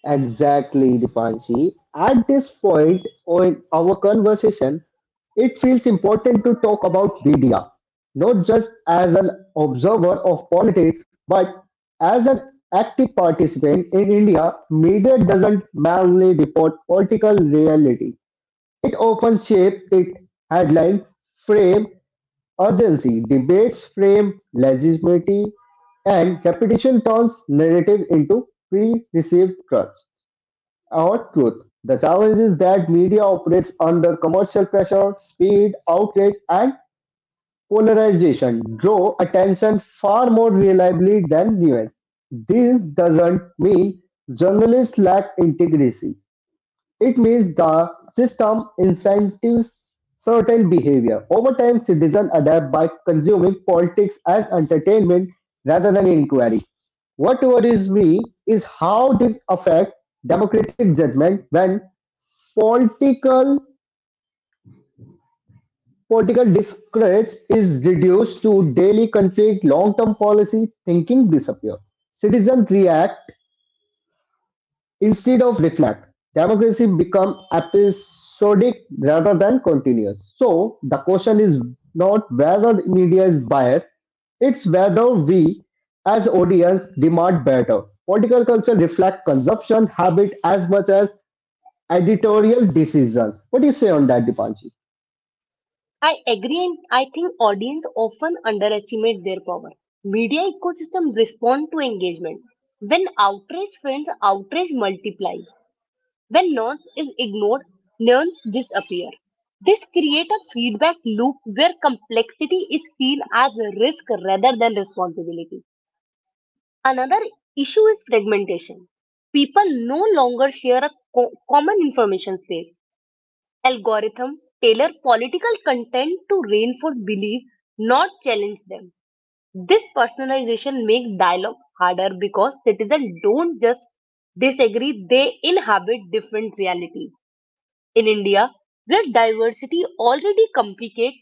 A: Exactly, Dipanji. At this point in our conversation, it feels important to talk about media, not just as an observer of politics, but as an active participant in India, media doesn't merely report political reality. It often shapes it headline, frame, urgency, debates frame legitimacy, and repetition turns narrative into pre-received trust. Our truth. The challenge is that media operates under commercial pressure, speed, outrage, and polarization draw attention far more reliably than nuance. This doesn't mean journalists lack integrity. It means the system incentives certain behavior. Over time, citizens adapt by consuming politics as entertainment rather than inquiry. What worries me is how this affects democratic judgment when political political discourse is reduced to daily conflict, long-term policy thinking disappear. Citizens react Instead of breakneck, democracy become episodic rather than continuous. So the question is not whether the media is biased, it's whether we as audience demand better. Political culture reflect consumption habit as much as editorial decisions. What do you say on that, Dipanji?
B: I agree, and I think audience often underestimate their power. Media ecosystem respond to engagement. When outrage friends, outrage multiplies. When nonce is ignored, nouns disappear. This creates a feedback loop where complexity is seen as a risk rather than responsibility. Another issue is fragmentation. People no longer share a common information space. Algorithm tailor political content to reinforce belief, not challenge them. This personalization makes dialogue harder because citizens don't just disagree, they inhabit different realities. In India, where diversity already complicates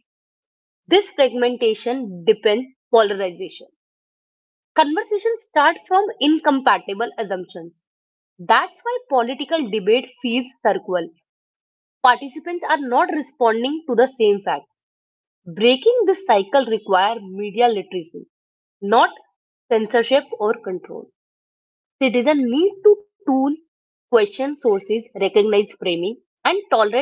B: this fragmentation depends polarization. Conversations start from incompatible assumptions. That's why political debate feels circular. Participants are not responding to the same fact. Breaking this cycle requires media literacy, not censorship or control. Citizens need to tool, question sources, recognize framing, and tolerate.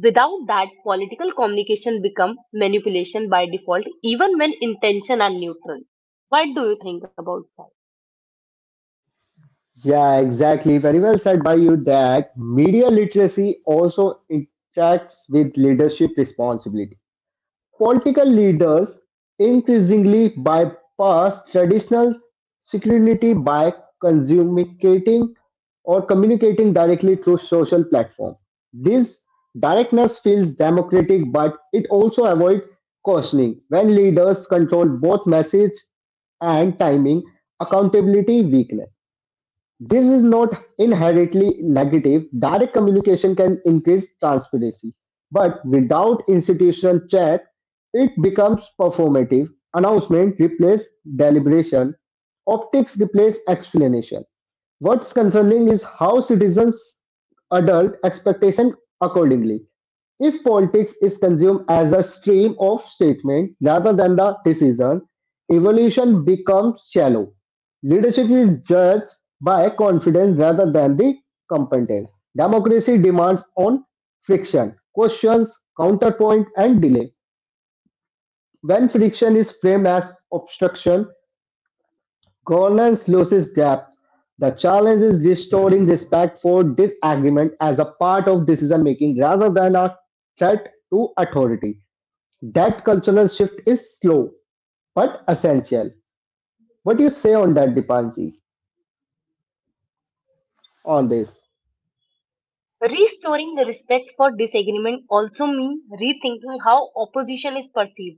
B: Without that, political communication become manipulation by default, even when intention are neutral. What do you think about that?
A: Yeah, exactly. Very well said by you that media literacy also interacts with leadership responsibility. Political leaders increasingly bypass traditional scrutiny by communicating communicating directly through social platforms. This directness feels democratic, but it also avoids cautioning. When leaders control both message and timing, accountability weakness. This is not inherently negative; direct communication can increase transparency, but without institutional check, it becomes performative. Announcement replace deliberation. Optics replace explanation. What's concerning is how citizens adult expectation accordingly. If politics is consumed as a stream of statement rather than the decision, evolution becomes shallow. Leadership is judged by confidence rather than the competence. Democracy demands on friction, questions, counterpoint, and delay. When friction is framed as obstruction, governance loses depth. The challenge is restoring respect for disagreement as a part of decision making rather than a threat to authority. That cultural shift is slow but essential. What do you say on that, Dipanji, on this?
B: Restoring the respect for disagreement also means rethinking how opposition is perceived.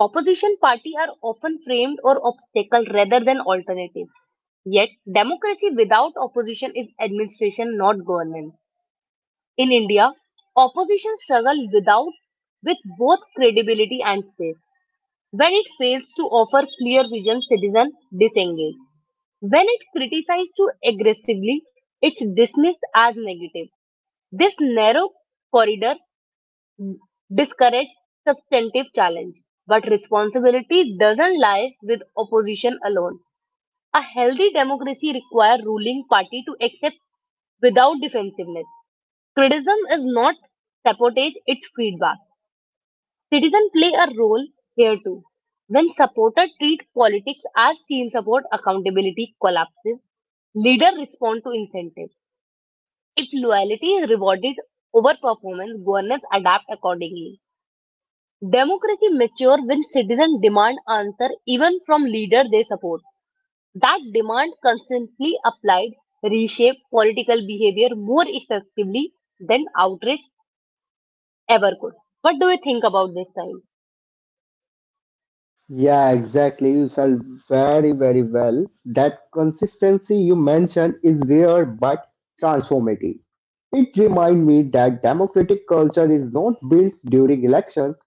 B: Opposition party are often framed or obstacle rather than alternative. Yet, democracy without opposition is administration, not governance. In India, opposition struggle without with both credibility and space. When it fails to offer clear vision, citizens disengage. When it criticizes too aggressively, it's dismissed as negative. This narrow corridor discourages substantive challenge. But responsibility doesn't lie with opposition alone. A healthy democracy requires ruling party to accept without defensiveness. Criticism is not sabotage, it's feedback. Citizens play a role here too. When supporters treat politics as team support, accountability collapses. Leaders respond to incentives. If loyalty is rewarded over performance, governance adapt accordingly. Democracy matures when citizens demand answer even from leader they support. That demand consistently applied reshape political behavior more effectively than outrage ever could. What do you think about this side?
A: Yeah, exactly. You said very well. That consistency you mentioned is rare but transformative. It reminds me that democratic culture is not built during election,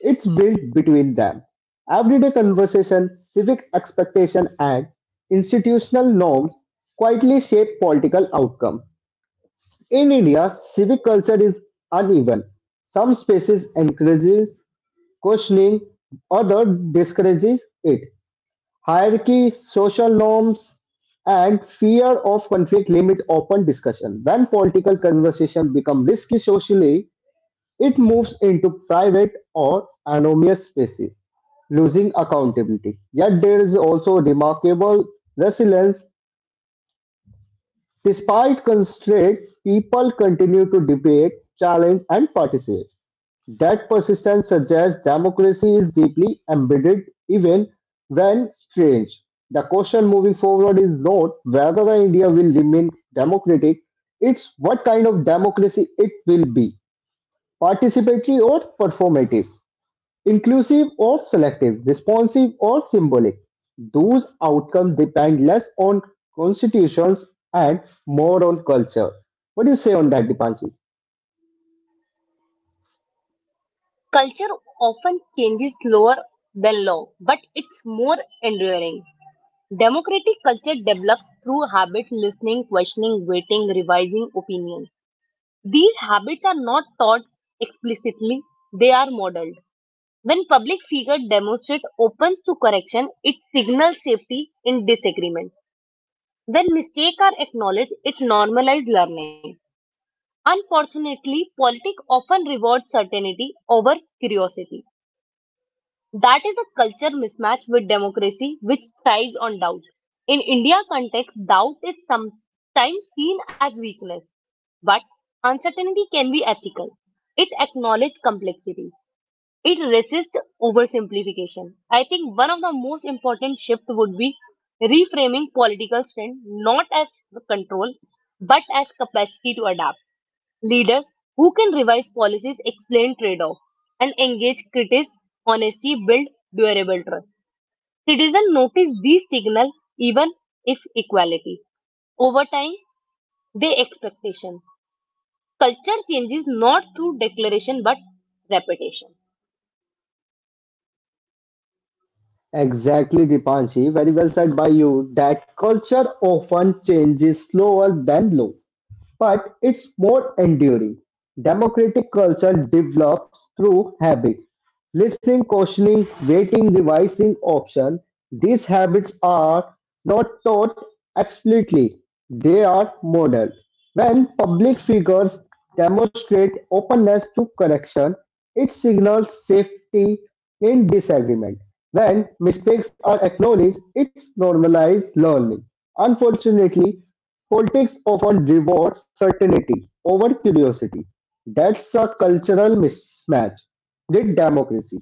A: it's built between them. Everyday conversation, civic expectation, and institutional norms quietly shape political outcome. In India, civic culture is uneven. Some spaces encourages questioning, others discourages it. Hierarchy, social norms, and fear of conflict limit open discussion. When political conversation becomes risky socially, it moves into private or anonymous spaces, losing accountability. Yet there is also remarkable resilience. Despite constraint, people continue to debate, challenge, and participate. That persistence suggests democracy is deeply embedded even when strange. The question moving forward is not whether the India will remain democratic, it's what kind of democracy it will be. Participatory or performative, inclusive or selective, responsive or symbolic. Those outcomes depend less on constitutions and more on culture. What do you say on that, Dipanshi?
B: Culture often changes slower than law, but it's more enduring. Democratic culture develops through habits listening, questioning, waiting, revising opinions. These habits are not taught explicitly, they are modeled. When public figure demonstrate opens to correction, it signals safety in disagreement. When mistakes are acknowledged, it normalizes learning. Unfortunately, politics often rewards certainty over curiosity. That is a culture mismatch with democracy, which thrives on doubt. In India context, doubt is sometimes seen as weakness, but uncertainty can be ethical. It acknowledges complexity. It resists oversimplification. I think one of the most important shift would be reframing political strength not as control, but as capacity to adapt. Leaders who can revise policies, explain trade off, and engage critics honesty build durable trust. Citizens notice these signals even if equality. Over time, they expectation. Culture changes not through declaration but repetition.
A: Exactly, Dipanshi. Very well said by you. That culture often changes slower than law, but it's more enduring. Democratic culture develops through habit. Listening, questioning, waiting, revising option. These habits are not taught explicitly. They are modeled. When public figures demonstrate openness to correction, it signals safety in disagreement. When mistakes are acknowledged, it normalizes learning. Unfortunately, politics often rewards certainty over curiosity. That's a cultural mismatch with democracy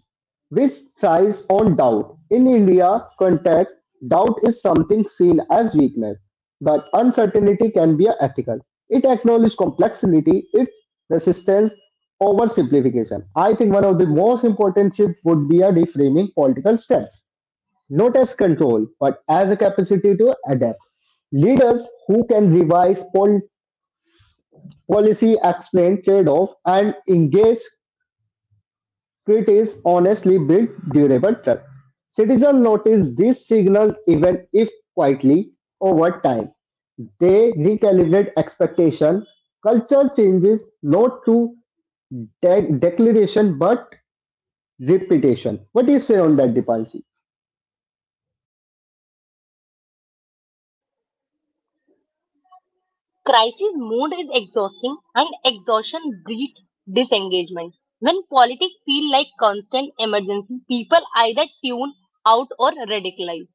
A: which thrives on doubt. In India context, doubt is something seen as weakness, but uncertainty can be ethical. It acknowledges complexity, it resistance oversimplification. I think one of the most important shifts would be a reframing political strength, not as control, but as a capacity to adapt. Leaders who can revise policy, explain trade-off, and engage critics honestly build durable trust. Citizens notice these signals even if quietly over time. They recalibrate expectation. Culture changes not through declaration but repetition. What do you say on that, Dipalji?
B: Crisis mode is exhausting and exhaustion breeds disengagement. When politics feel like constant emergency, people either tune out or radicalize.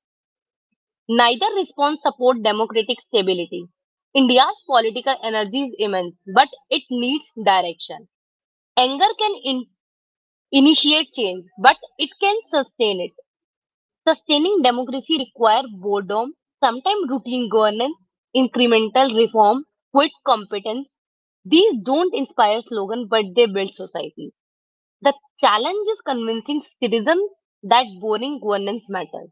B: Neither response support democratic stability. India's political energy is immense, but it needs direction. Anger can initiate change, but it can sustain it. Sustaining democracy requires boredom, sometimes routine governance, incremental reform, quick competence. These don't inspire slogans, but they build societies. The challenge is convincing citizens that boring governance matters,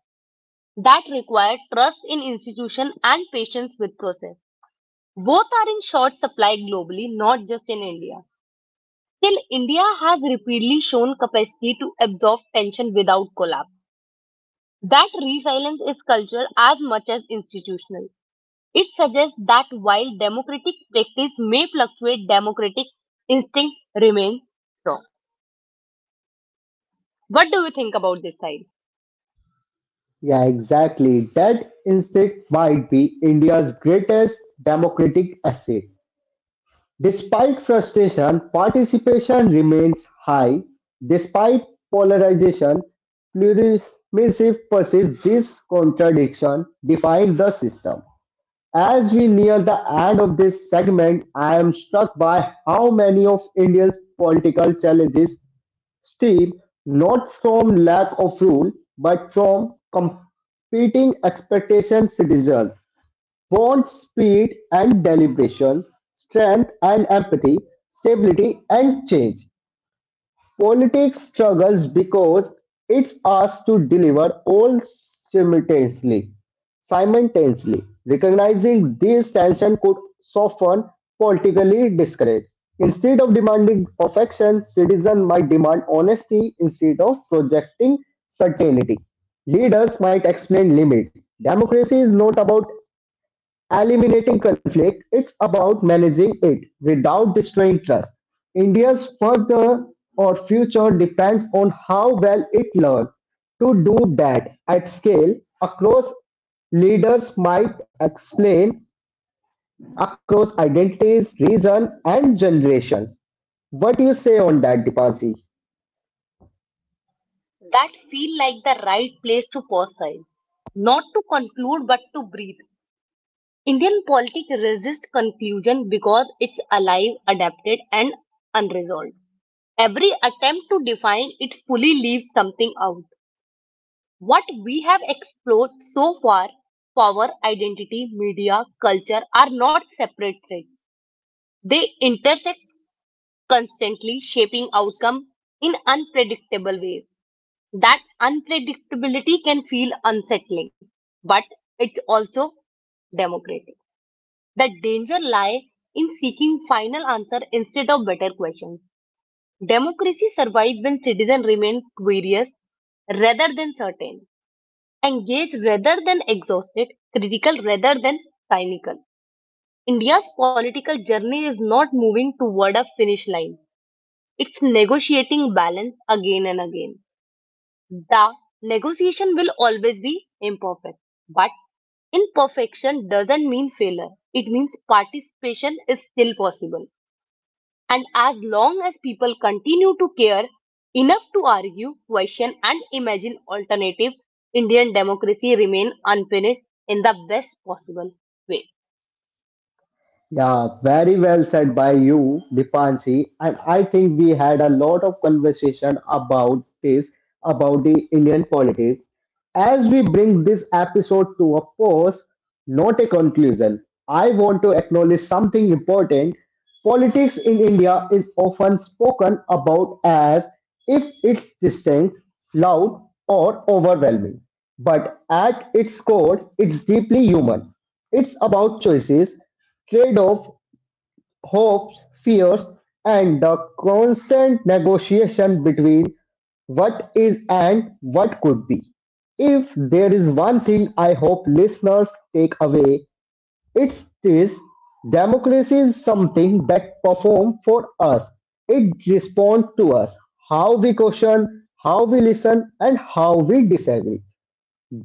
B: that require trust in institution and patience with process. Both are in short supply globally, not just in India. Still, India has repeatedly shown capacity to absorb tension without collapse. That resilience is cultural as much as institutional. It suggests that while democratic practice may fluctuate, democratic instinct remains strong. What do you think about this side?
A: Yeah, exactly. That instinct might be India's greatest democratic asset. Despite frustration, participation remains high; despite polarization, pluralism persists; this contradiction defines the system. As we near the end of this segment, I am struck by how many of India's political challenges stem not from lack of rule, but from competing expectations results wants speed and deliberation, strength and empathy, stability and change. Politics struggles because it's asked to deliver all simultaneously. Simultaneously, recognizing these tensions could soften politically discourage. Instead of demanding perfection, citizens might demand honesty instead of projecting certainty. Leaders might explain limits. Democracy is not about eliminating conflict, it's about managing it without destroying trust. India's further or future depends on how well it learns to do that at scale across leaders might explain across identities, reason and generations. What do you say on that, Deepasi?
B: That feel like the right place to pause side. Not to conclude but to breathe. Indian politics resists conclusion because it's alive, adapted, and unresolved. Every attempt to define it fully leaves something out. What we have explored so far, power, identity, media, culture, are not separate threads. They intersect constantly, shaping outcome in unpredictable ways. That unpredictability can feel unsettling, but it's also democratic. That danger lie in seeking final answer instead of better questions. Democracy survive when citizens remain curious rather than certain, engaged rather than exhausted, critical rather than cynical. India's political journey is not moving toward a finish line. It's negotiating balance again and again. The negotiation will always be imperfect, but imperfection doesn't mean failure. It means participation is still possible. And as long as people continue to care enough to argue, question, and imagine alternative, Indian democracy remain unfinished in the best possible way.
A: Yeah, very well said by you, Dipanshi. And I think we had a lot of conversation about this, about the Indian politics. As we bring this episode to a pause, not a conclusion, I want to acknowledge something important. Politics in India is often spoken about as if it's distant, loud, or overwhelming. But at its core, it's deeply human. It's about choices, trade-off, hopes, fears, and the constant negotiation between what is and what could be. If there is one thing I hope listeners take away, it's this democracy is something that performs for us. It responds to us, how we question, how we listen, and how we disagree.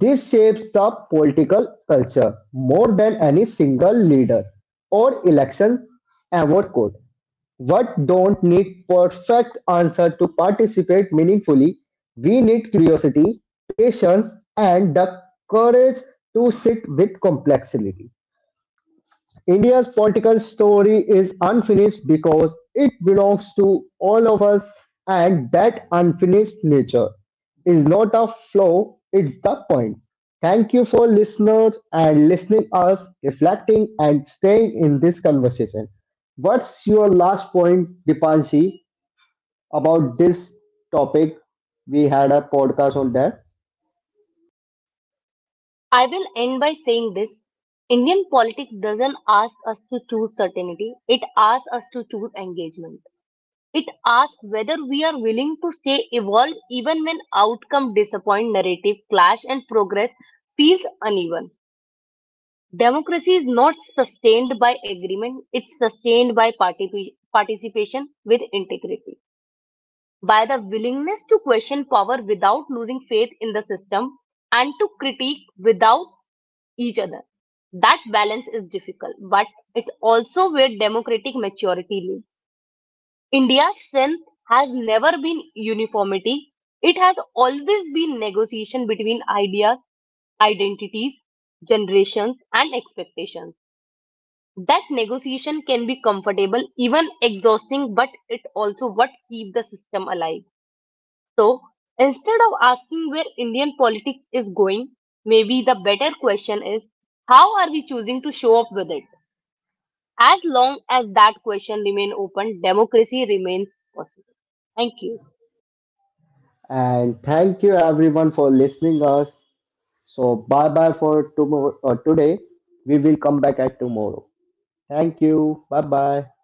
A: This shapes the political culture more than any single leader or election ever could. What don't need perfect answer to participate meaningfully, we need curiosity, patience, and the courage to sit with complexity. India's political story is unfinished because it belongs to all of us, and that unfinished nature is not a flaw, it's the point. Thank you for listeners and listening us, reflecting and staying in this conversation. What's your last point, Dipanshi, about this topic? We had a podcast on that.
B: I will end by saying this. Indian politics doesn't ask us to choose certainty. It asks us to choose engagement. It asks whether we are willing to stay evolved even when outcome disappoint, narrative clash, and progress feels uneven. Democracy is not sustained by agreement, it's sustained by participation with integrity, by the willingness to question power without losing faith in the system and to critique without each other. That balance is difficult, but it's also where democratic maturity lives. India's strength has never been uniformity, it has always been negotiation between ideas, identities, generations, and expectations. That negotiation can be comfortable, even exhausting, but it also what keep the system alive. So instead of asking where Indian politics is going, maybe the better question is, how are we choosing to show up with it? As long as that question remains open, democracy remains possible. Thank you.
A: And thank you everyone for listening us. So bye bye for tomorrow today. We will come back at tomorrow. Thank you. Bye bye.